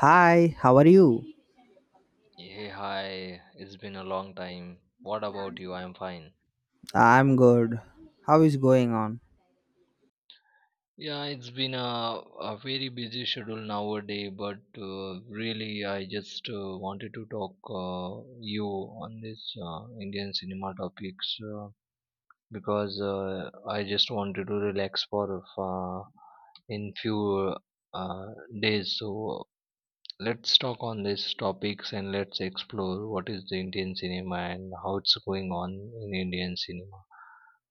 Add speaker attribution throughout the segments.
Speaker 1: Hi, how are you?
Speaker 2: Hey, hi. It's been a long time. What about you? I'm fine.
Speaker 1: I'm good. How is going on?
Speaker 2: Yeah, it's been a very busy schedule nowadays, but really, I just wanted to talk you on this Indian cinema topics because I just wanted to relax for in few uh, days. So let's talk on these topics and let's explore what is the Indian cinema and how it's going on in Indian cinema.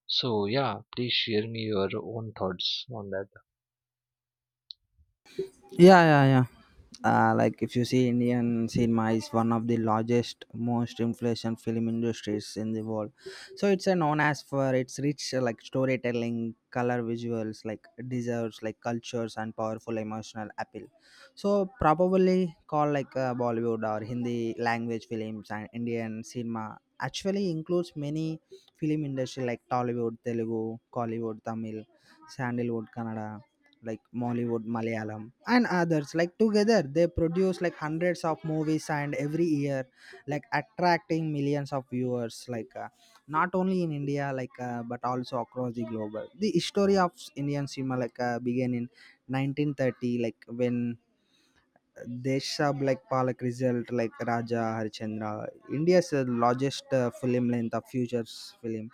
Speaker 2: So yeah, please share me your own thoughts on that.
Speaker 1: Yeah, yeah, yeah. Like if you see Indian cinema is one of the largest, most influential film industries in the world. So it's known as for its rich like storytelling, color visuals, like deserves like cultures and powerful emotional appeal. So probably called like Bollywood or Hindi language films, and Indian cinema actually includes many film industry like Tollywood, Telugu, Kollywood, Tamil, Sandalwood, Kannada, like Mollywood, Malayalam, and others. Like together, they produce like hundreds of movies and every year, like attracting millions of viewers. Like not only in India, like but also across the globe. The history of Indian cinema like began in 1930, like when Desha like Palak result like Raja Harichandra. India's largest film length of futures film.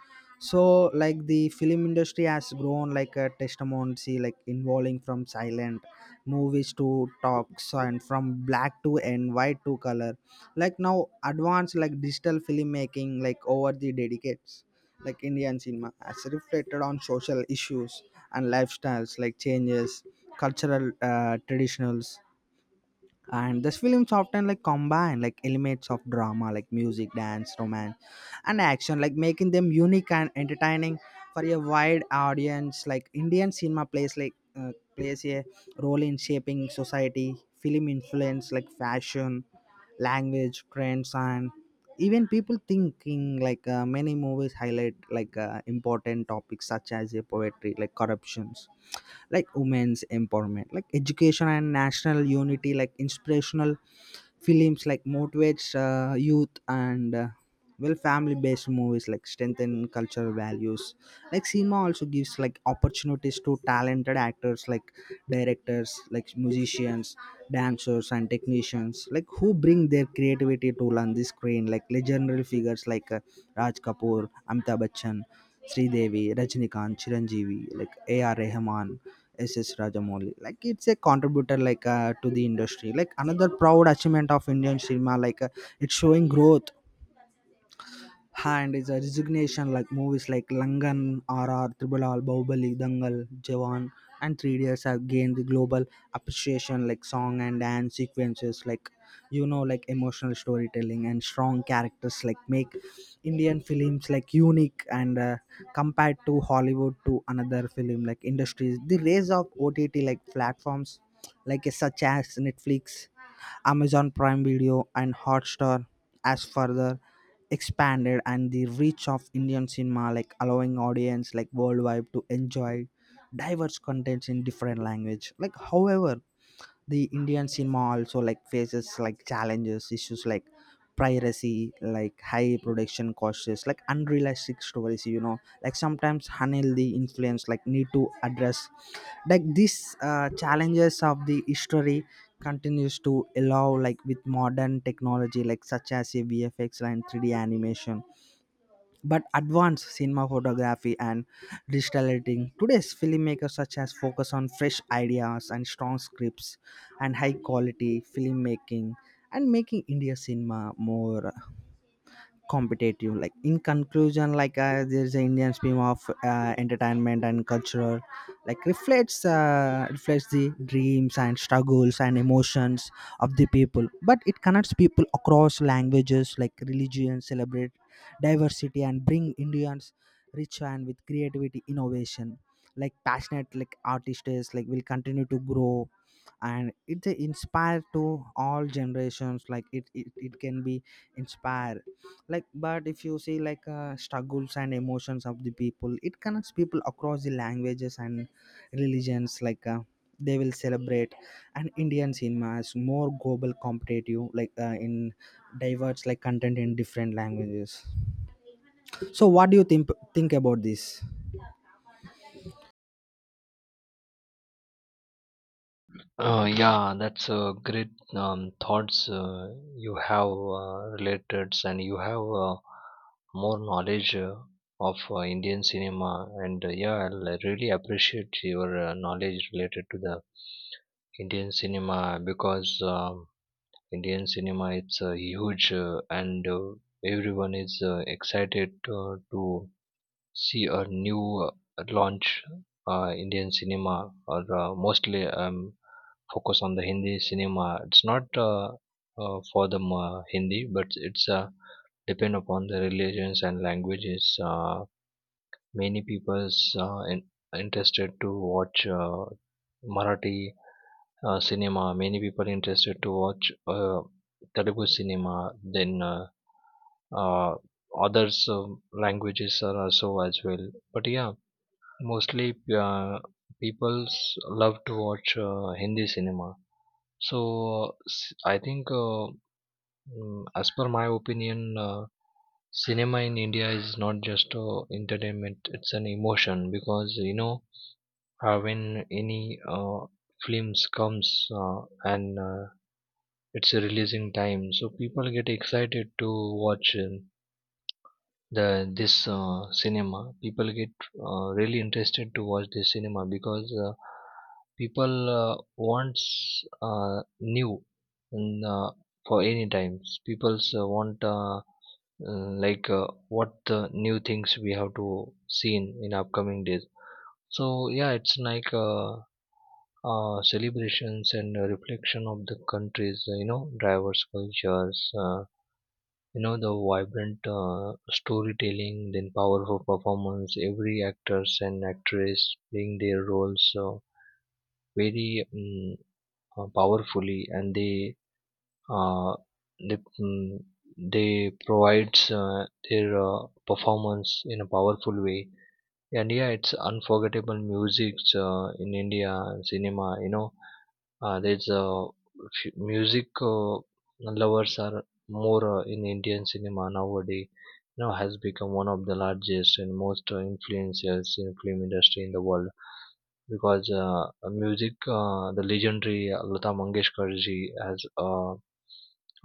Speaker 1: So like the film industry has grown like a testimony, like involving from silent movies to talks and from black to and white to color. Like now advanced like digital filmmaking, like over the decades like Indian cinema has reflected on social issues and lifestyles, like changes cultural traditionals, and these films often like combine like elements of drama like music, dance, romance and action, like making them unique and entertaining for a wide audience. Like Indian cinema plays like plays a role in shaping society. Film influence like fashion, language trends, and even people thinking. Like many movies highlight like important topics such as a poetry, like corruptions, like women's empowerment, like education and national unity. Like inspirational films like motivates youth, and well, family based movies like strengthen cultural values. Like cinema also gives like opportunities to talented actors like directors, like musicians, dancers and technicians, like who bring their creativity to learn the screen. Like legendary figures like Raj Kapoor, Amitabh Bachchan, Sridevi, Rajnikant, Chiranjeevi, like AR Rahman, SS Rajamouli, like it's a contributor like to the industry. Like another proud achievement of Indian cinema, like it's showing growth, and it's a resignation. Like movies like Langan, RR, Triple R, Bahubali, Dangal, Jawan, and Three Idiots have gained the global appreciation. Like song and dance sequences, like you know, like emotional storytelling and strong characters like make Indian films like unique and compared to Hollywood to another film like industries. The rise of OTT like platforms like such as Netflix, Amazon Prime Video and Hotstar has further expanded and the reach of Indian cinema, like allowing audience like worldwide to enjoy diverse contents in different language. Like however, the Indian cinema also like faces like challenges issues like piracy, like high production costs, like unrealistic stories, you know, like sometimes unhealthy influence like need to address like these challenges of the history continues to allow like with modern technology, like such as a VFX and 3D animation, but advanced cinema photography and digital editing. Today's filmmakers such as focus on fresh ideas and strong scripts and high quality filmmaking and making India cinema more competitive. Like in conclusion, like there's an Indian stream of entertainment and cultural, like reflects reflects the dreams and struggles and emotions of the people, but it connects people across languages like religion, celebrate diversity and bring Indians rich and with creativity, innovation, like passionate like artists like will continue to grow and it inspire to all generations. Like it can be inspire. Like but if you see like struggles and emotions of the people, it connects people across the languages and religions. Like they will celebrate, and Indian cinema is more global competitive, like in diverse like content in different languages. So what do you think about this?
Speaker 2: Yeah, that's a great thoughts you have related, and you have more knowledge of Indian cinema. And yeah, I really appreciate your knowledge related to the Indian cinema because Indian cinema it's huge and everyone is excited to see a new launch Indian cinema or mostly focus on the Hindi cinema. It's not for the Hindi, but it's depend upon the religions and languages. Many people's interested to watch Marathi cinema. Many people interested to watch Telugu cinema. Then. Uh, Others languages are also as well, but yeah. Mostly, people's love to watch Hindi cinema. So, I think, as per my opinion, cinema in India is not just entertainment; it's an emotion, because you know, when any films comes and it's a releasing time, so people get excited to watch. The This cinema people get really interested to watch this cinema because people wants new and for any times people's want what the new things we have to see in upcoming days. So yeah, it's like celebrations and reflection of the countries, you know, diverse cultures, you know, the vibrant storytelling, then powerful performance, every actors and actress playing their roles very mm, powerfully, and they uh, they, mm, they provides their performance in a powerful way. And yeah, it's unforgettable music in India cinema, you know. There's a music lovers are more in Indian cinema nowadays. You know, has become one of the largest and most influencers in film industry in the world because music, the legendary Lata Mangeshkar ji as uh,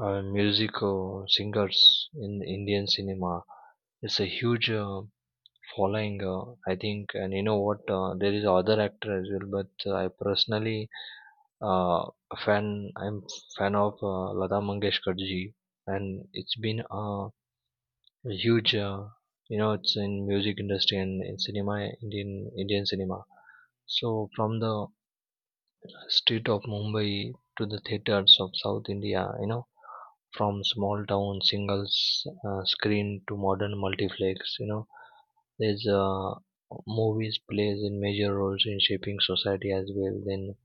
Speaker 2: uh, music singers in Indian cinema. It's a huge following, I think. And you know what? There is other actor as well, but I personally uh, a fan I'm fan of Lata Mangeshkar ji, and it's been a huge, you know, it's in music industry and in cinema, Indian cinema. So from the street of Mumbai to the theaters of South India, you know, from small town singles screen to modern multiplex, you know, there's movies plays in major roles in shaping society as well. Then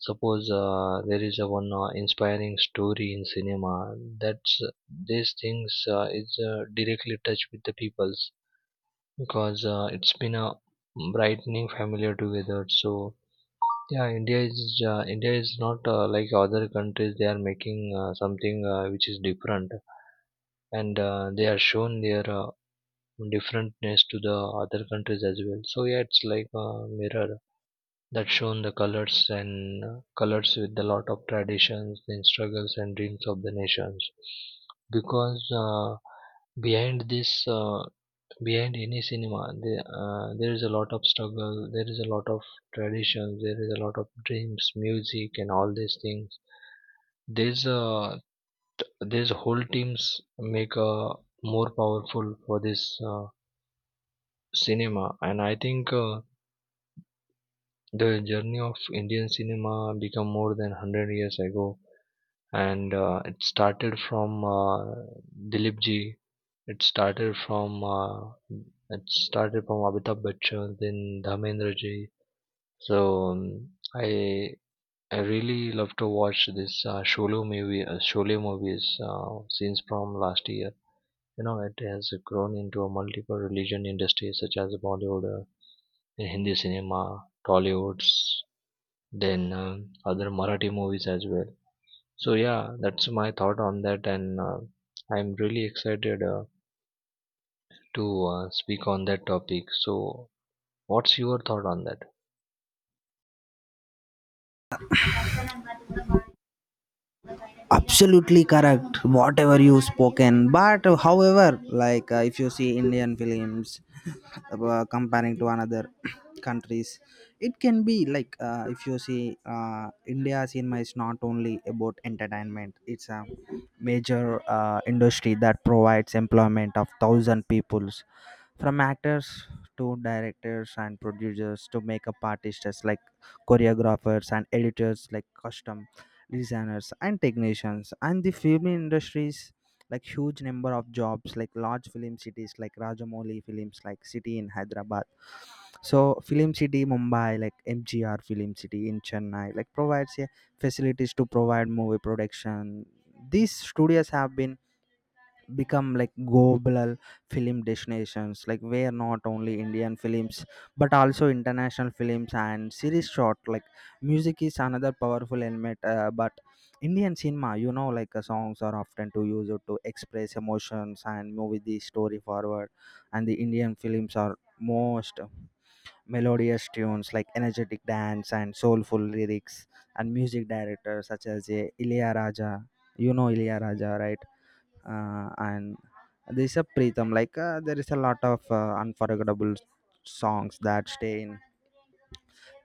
Speaker 2: suppose there is a one inspiring story in cinema. That's these things is directly touch with the peoples because it's been a brightening familiar together. So yeah, India is not like other countries. They are making something which is different, and they are shown their differentness to the other countries as well. So yeah, it's like a mirror that shown the colors and colors with a lot of traditions and struggles and dreams of the nations, because behind this uh, behind any cinema there is a lot of struggle, there is a lot of traditions, there is a lot of dreams, music, and all these things. there's uh, there's whole teams make more powerful for this uh, cinema. And I think the journey of Indian cinema become more than 100 years ago, and it started from Dilip ji. It started from uh, it started from Amitabh Bachchan, then Dharmendra ji. So I I really love to watch this Sholay movies since from last year. You know, it has grown into a multiple religion industry such as Bollywood, Hindi cinema, Tollywood's, then other Marathi movies as well. So yeah, that's my thought on that, and I'm really excited to speak on that topic. So what's your thought on that?
Speaker 1: Absolutely correct whatever you spoken, but however, like if you see Indian films comparing to another countries, it can be like if you see India cinema is not only about entertainment, it's a major industry that provides employment of thousand peoples, from actors to directors and producers to makeup artists, like choreographers and editors, like custom designers and technicians, and the film industries like huge number of jobs, like large film cities like Rajamouli films like city in Hyderabad. So film city Mumbai, like MGR film city in Chennai like provides a facilities to provide movie production. These studios have been become like global film destinations, like where not only Indian films but also international films and series shot. Like music is another powerful element, but Indian cinema, you know, like songs are often to use it to express emotions and move the story forward, and the Indian films are most melodious tunes, like energetic dance and soulful lyrics, and music directors such as Ilaiyaraaja, you know, Ilaiyaraaja, right? And there's a Pritham. Like there is a lot of unforgettable songs that stay in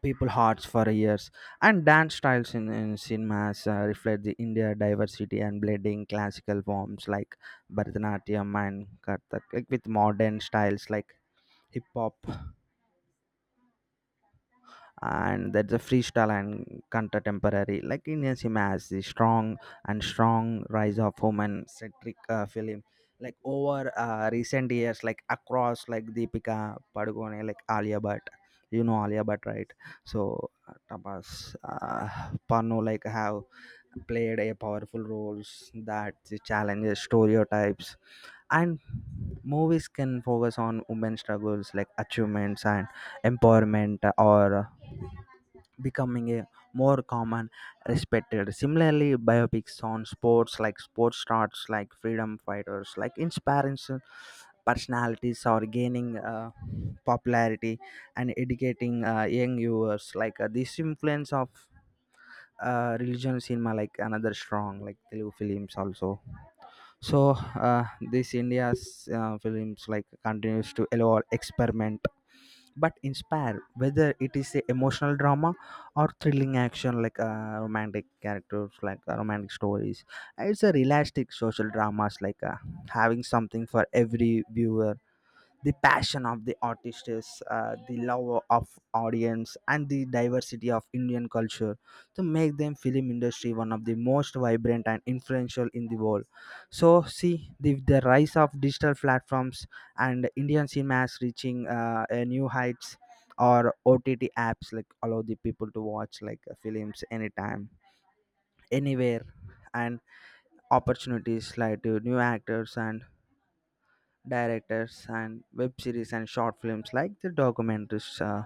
Speaker 1: people hearts for years. And dance styles in cinemas reflect the India diversity and blending classical forms like Bharatanatyam and Kathak, like with modern styles like hip hop and that's a freestyle and contemporary. Like Indian cinema has the strong and strong rise of women centric film, like over recent years, like across like Deepika Padukone, like Alia Bhatt, you know, Alia Bhatt, right? So Tapas Pannu like have played a powerful roles that challenges stereotypes, and movies can focus on women's struggles, like achievements and empowerment, or becoming a more common respected. Similarly biopics on sports, like sports stars, like freedom fighters, like inspiring personalities are gaining popularity and educating young viewers. Like this influence of religion cinema, like another strong like Telugu films also. So this India's films like continues to allow experiment but inspire, whether it is a emotional drama or thrilling action, like romantic characters, like romantic stories, it's a realistic social dramas, like having something for every viewer. The passion of the artists, the love of audience, and the diversity of Indian culture to make them film industry one of the most vibrant and influential in the world. So see the rise of digital platforms and Indian cinemas reaching a new heights, or OTT apps like allow the people to watch like films anytime, anywhere, and opportunities like to new actors and directors and web series and short films, like the documentaries,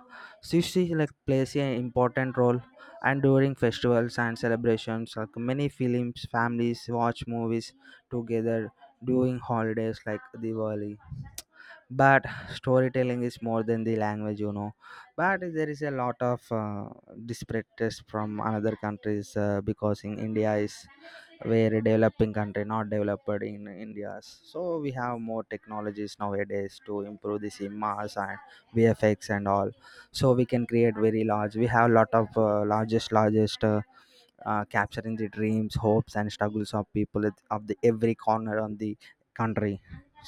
Speaker 1: sushi like plays an important role. And during festivals and celebrations, like many films families watch movies together during holidays like Diwali. But storytelling is more than the language, you know, but there is a lot of disparities from another countries, because in India is where developing country, not developed in India's. So we have more technologies nowadays to improve the cinemas and VFX and all. So we can create very large, we have lot of largest capturing the dreams, hopes and struggles of people of the every corner on the country.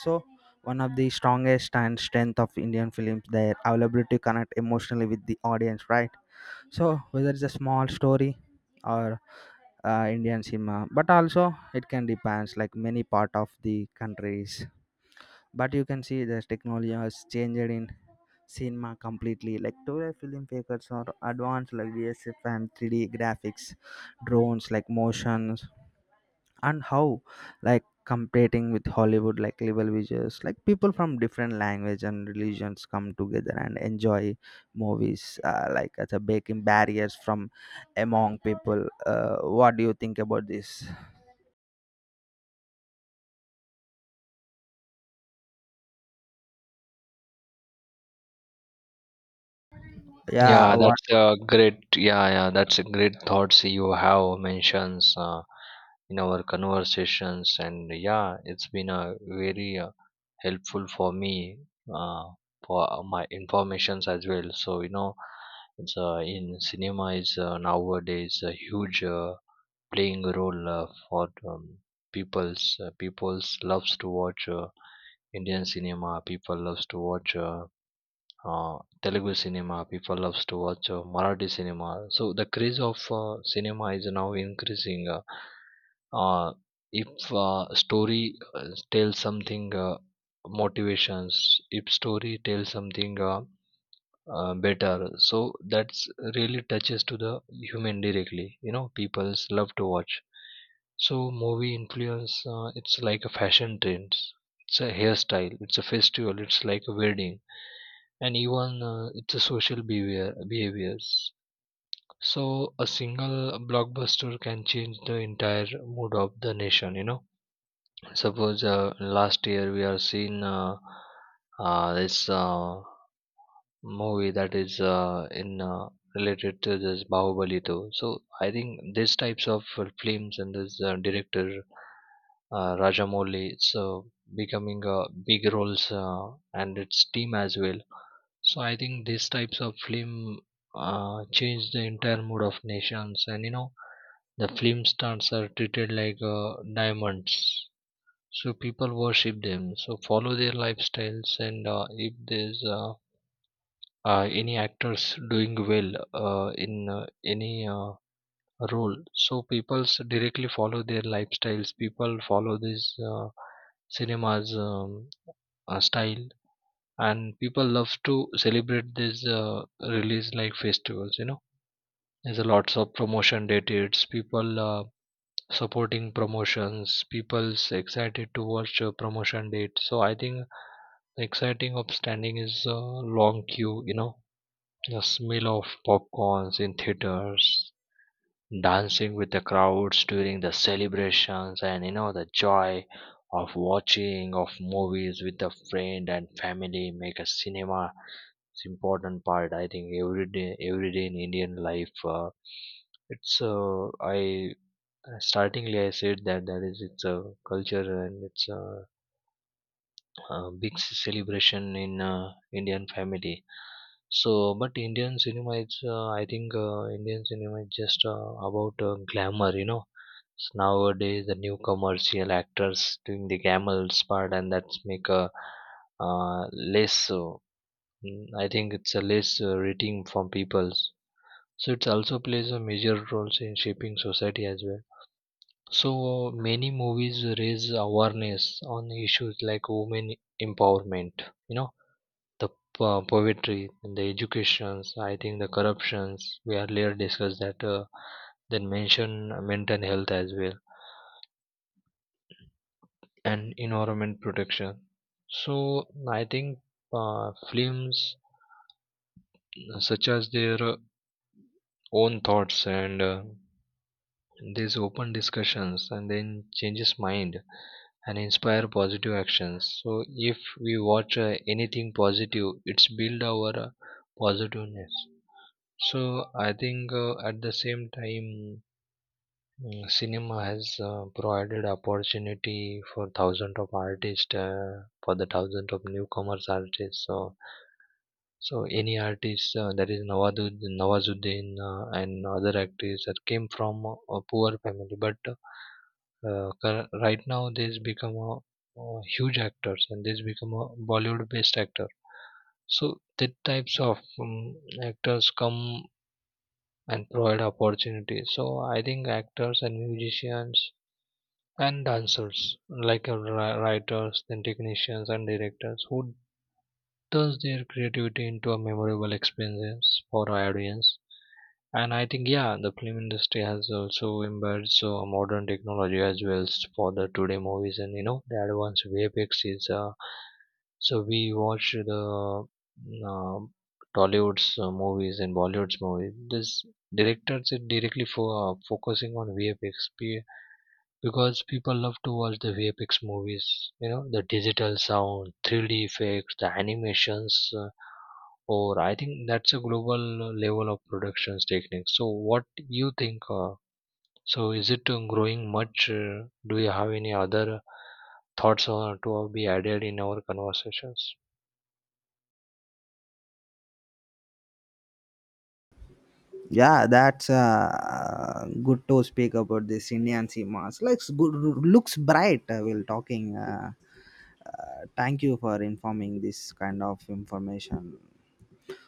Speaker 1: So one of the strongest and strength of Indian films their availability to connect emotionally with the audience, right? So whether it's a small story or Indian cinema, but also it can depends like many part of the countries. But you can see the technology has changed in cinema completely. Like today, filmmakers are advanced like VSF and 3D graphics, drones like motion and how, like competing with Hollywood like level visuals, like people from different language and religions come together and enjoy movies, like as a breaking barriers from among people. What do you think about this? Yeah,
Speaker 2: Yeah,
Speaker 1: what?
Speaker 2: that's a great. Yeah, that's a great thoughts you have mentions in our conversations, and yeah, it's been a very helpful for me uh, for my informations as well. So you know, it's in cinema is nowadays a huge. Playing a role for people's loves to watch Indian cinema. People loves to watch uh, Telugu cinema. People loves to watch Marathi cinema. So the craze of cinema is now increasing. Uh, if Story uh, tells something motivations, if story tells something better, so that's really touches to the human directly, you know, people's love to watch. So movie influence, it's like a fashion trend, it's a hairstyle, it's a festival, it's like a wedding, and even it's a social behaviors. So a single blockbuster can change the entire mood of the nation, you know. Suppose last year we are seeing this movie that is in related to this Bahubali too. So I think these types of films and this director Rajamouli, so becoming big roles and its team as well. So I think these types of film change the entire mood of nations. And you know, the film stars are treated like diamonds. So people worship them. So follow their lifestyles. And if there's any actors doing well in any role, so people's directly follow their lifestyles. People follow this cinemas style. And people love to celebrate this release like festivals, you know. There's a lots of promotion dates, people supporting promotions, people's excited to watch a promotion date. So I think the exciting of standing is a long queue, you know, the smell of popcorns in theaters, dancing with the crowds during the celebrations, and you know, the joy of watching of movies with a friend and family make a cinema it's important part. I think every day in Indian life, it's I startingly I said that is it's a culture and it's a big celebration in Indian family. So, but Indian cinema is, I think, Indian cinema is just about glamour, you know. So nowadays, the new commercial actors doing the glamorous part, and that's make a less. I think it's a less rating from people. So it also plays a major role in shaping society as well. So many movies raise awareness on issues like women empowerment, you know, the poetry, and the educations, I think the corruptions. We earlier discussed that. Then mention mental health as well, and environment protection. So I think films such as their own thoughts and these open discussions and then changes mind and inspire positive actions. So if we watch anything positive, it's build our positiveness. So I think at the same time, cinema has provided opportunity for thousands of artists, for the thousands of newcomers artists. So any artist that is Nawazuddin and other actors that came from a poor family, but right now these become a, huge actors and these become a Bollywood based actor. So that types of actors come and provide opportunities. So I think actors and musicians and dancers, like writers, then technicians and directors, who turns their creativity into a memorable experience for our audience. And I think, yeah, the film industry has also embraced so modern technology as well for the today movies, and you know, the advanced VFX is. So we watch the mm, uh, Tollywood's movies and Bollywood's movies. This directors are directly for focusing on VFX because people love to watch the VFX movies, you know, the digital sound, 3D effects, the animations, or I think that's a global level of productions techniques. So, what you think? So, is it growing much? Do you have any other thoughts or to be added in our conversations?
Speaker 1: Yeah, that's good to speak about this Indian cinemas looks good, looks bright, while talking, thank you for informing this kind of information.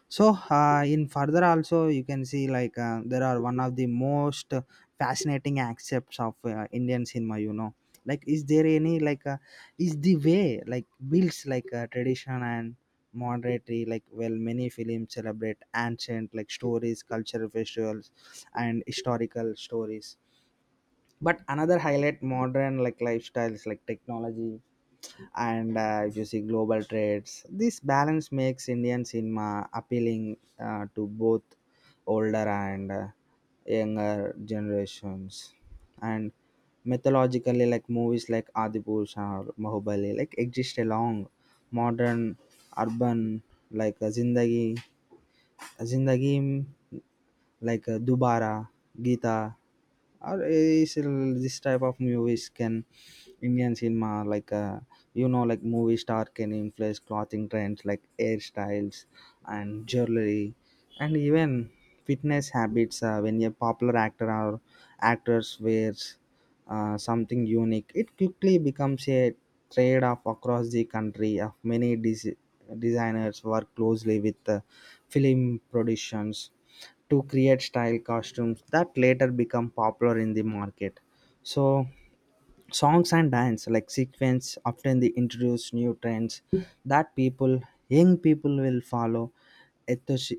Speaker 1: So, in further also, you can see like there are one of the most fascinating aspects of Indian cinema. You know, like is there any like is the way like builds like tradition and modernity. Like well, many films celebrate ancient like stories, cultural festivals and historical stories, but another highlight modern like lifestyles, like technology, and if you see global trades, this balance makes Indian cinema appealing to both older and younger generations. And mythologically like movies like Adipurush or Bahubali like exist along modern urban, like Zindagi जिंदगी, like Dubara, Gita, or is this type of movies can Indian cinema, like you know, like movie star can influence clothing trends, like hairstyles and jewelry and even fitness habits. When a popular actor or actors wears something unique, it quickly becomes a trade off across the country of many designers work closely with film productions to create style costumes that later become popular in the market. So songs and dance like sequence often they introduce new trends that people young people will follow ethos,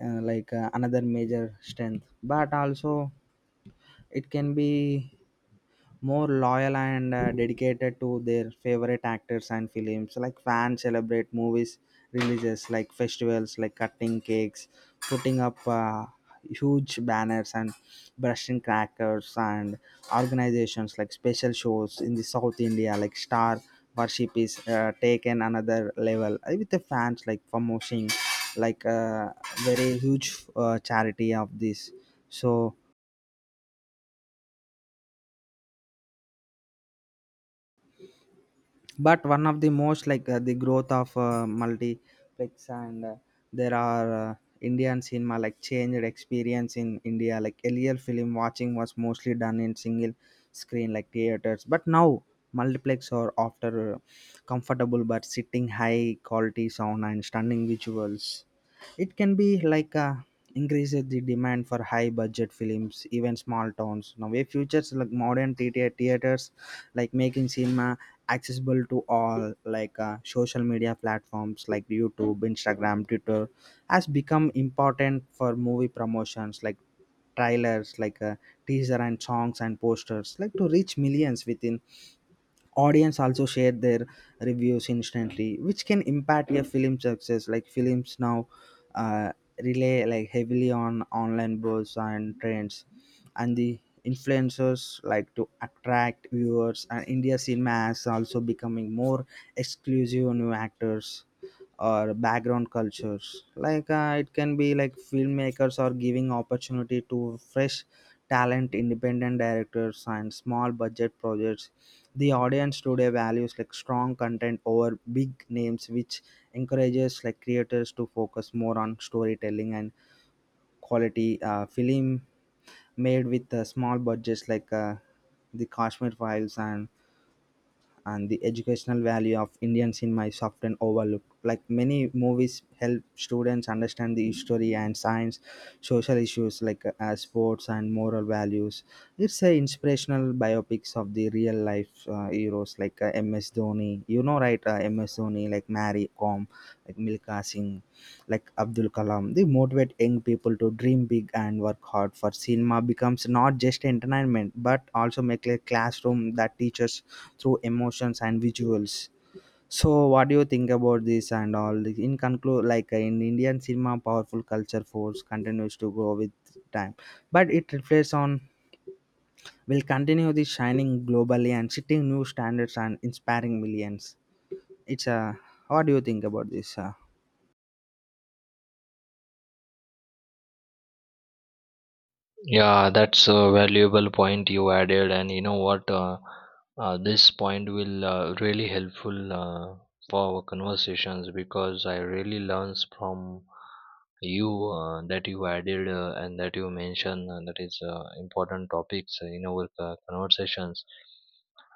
Speaker 1: like another major strength. But also it can be more loyal and dedicated to their favorite actors and films, like fans celebrate movies releases like festivals, like cutting cakes, putting up huge banners and brushing crackers, and organizations like special shows in the South India. Like star worship is taken another level, with the fans like promoting like a very huge charity of this. So but one of the most like the growth of multiplex, and there are Indian cinema like changed experience in India. Like earlier film watching was mostly done in single screen like theaters, but now multiplex are after comfortable but sitting, high quality sound and stunning visuals. It can be like increases the demand for high budget films. Even small towns now way futures like modern theaters, like making cinema accessible to all. Like social media platforms like YouTube, Instagram, Twitter has become important for movie promotions, like trailers, like teaser and songs and posters, like to reach millions within. Audience also share their reviews instantly which can impact your film success. Like films now uh, rely like heavily on online buzz and trends and the influencers like to attract viewers, and India cinema is also becoming more exclusive on new actors or background cultures. Like it can be like filmmakers are giving opportunity to fresh talent, independent directors and small budget projects. The audience today values like strong content over big names, which encourages like creators to focus more on storytelling and quality film made with small budgets, like The Kashmir Files. And the educational value of Indian cinema is often overlooked. Like many movies help students understand the history and science, social issues like as sports and moral values. It's a inspirational biopics of the real life heroes like MS Dhoni. You know, right? MS Dhoni, like Mary Kom, like Milka Singh, like Abdul Kalam. They motivate young people to dream big and work hard. For cinema becomes not just entertainment but also make a classroom that teaches through emotions and visuals. So, what do you think about this and all? In conclude, like in Indian cinema, powerful culture force continues to grow with time, but it reflects on will continue the shining globally and setting new standards and inspiring millions. It's a, what do you think about this?
Speaker 2: Yeah, that's a valuable point you added, and you know what? This point will really helpful for our conversations because I really learns from you that you added and that you mentioned that is important topics in our conversations.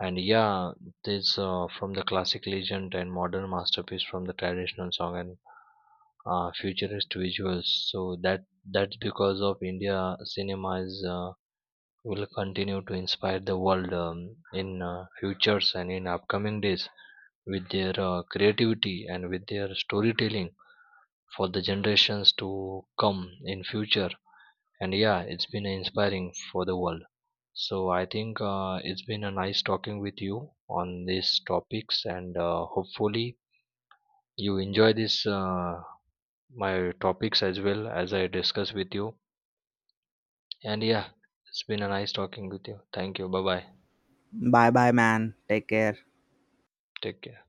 Speaker 2: And yeah, this from the classic legend and modern masterpiece, from the traditional song and futurist visuals. So that's because of India cinemas will continue to inspire the world in futures and in upcoming days with their creativity and with their storytelling for the generations to come in future. And yeah, it's been inspiring for the world. So I think it's been a nice talking with you on these topics, and hopefully you enjoy this my topics as well as I discuss with you. And yeah, it's been a nice talking with you. Thank you. Bye bye.
Speaker 1: Bye bye, man. Take care.
Speaker 2: Take care.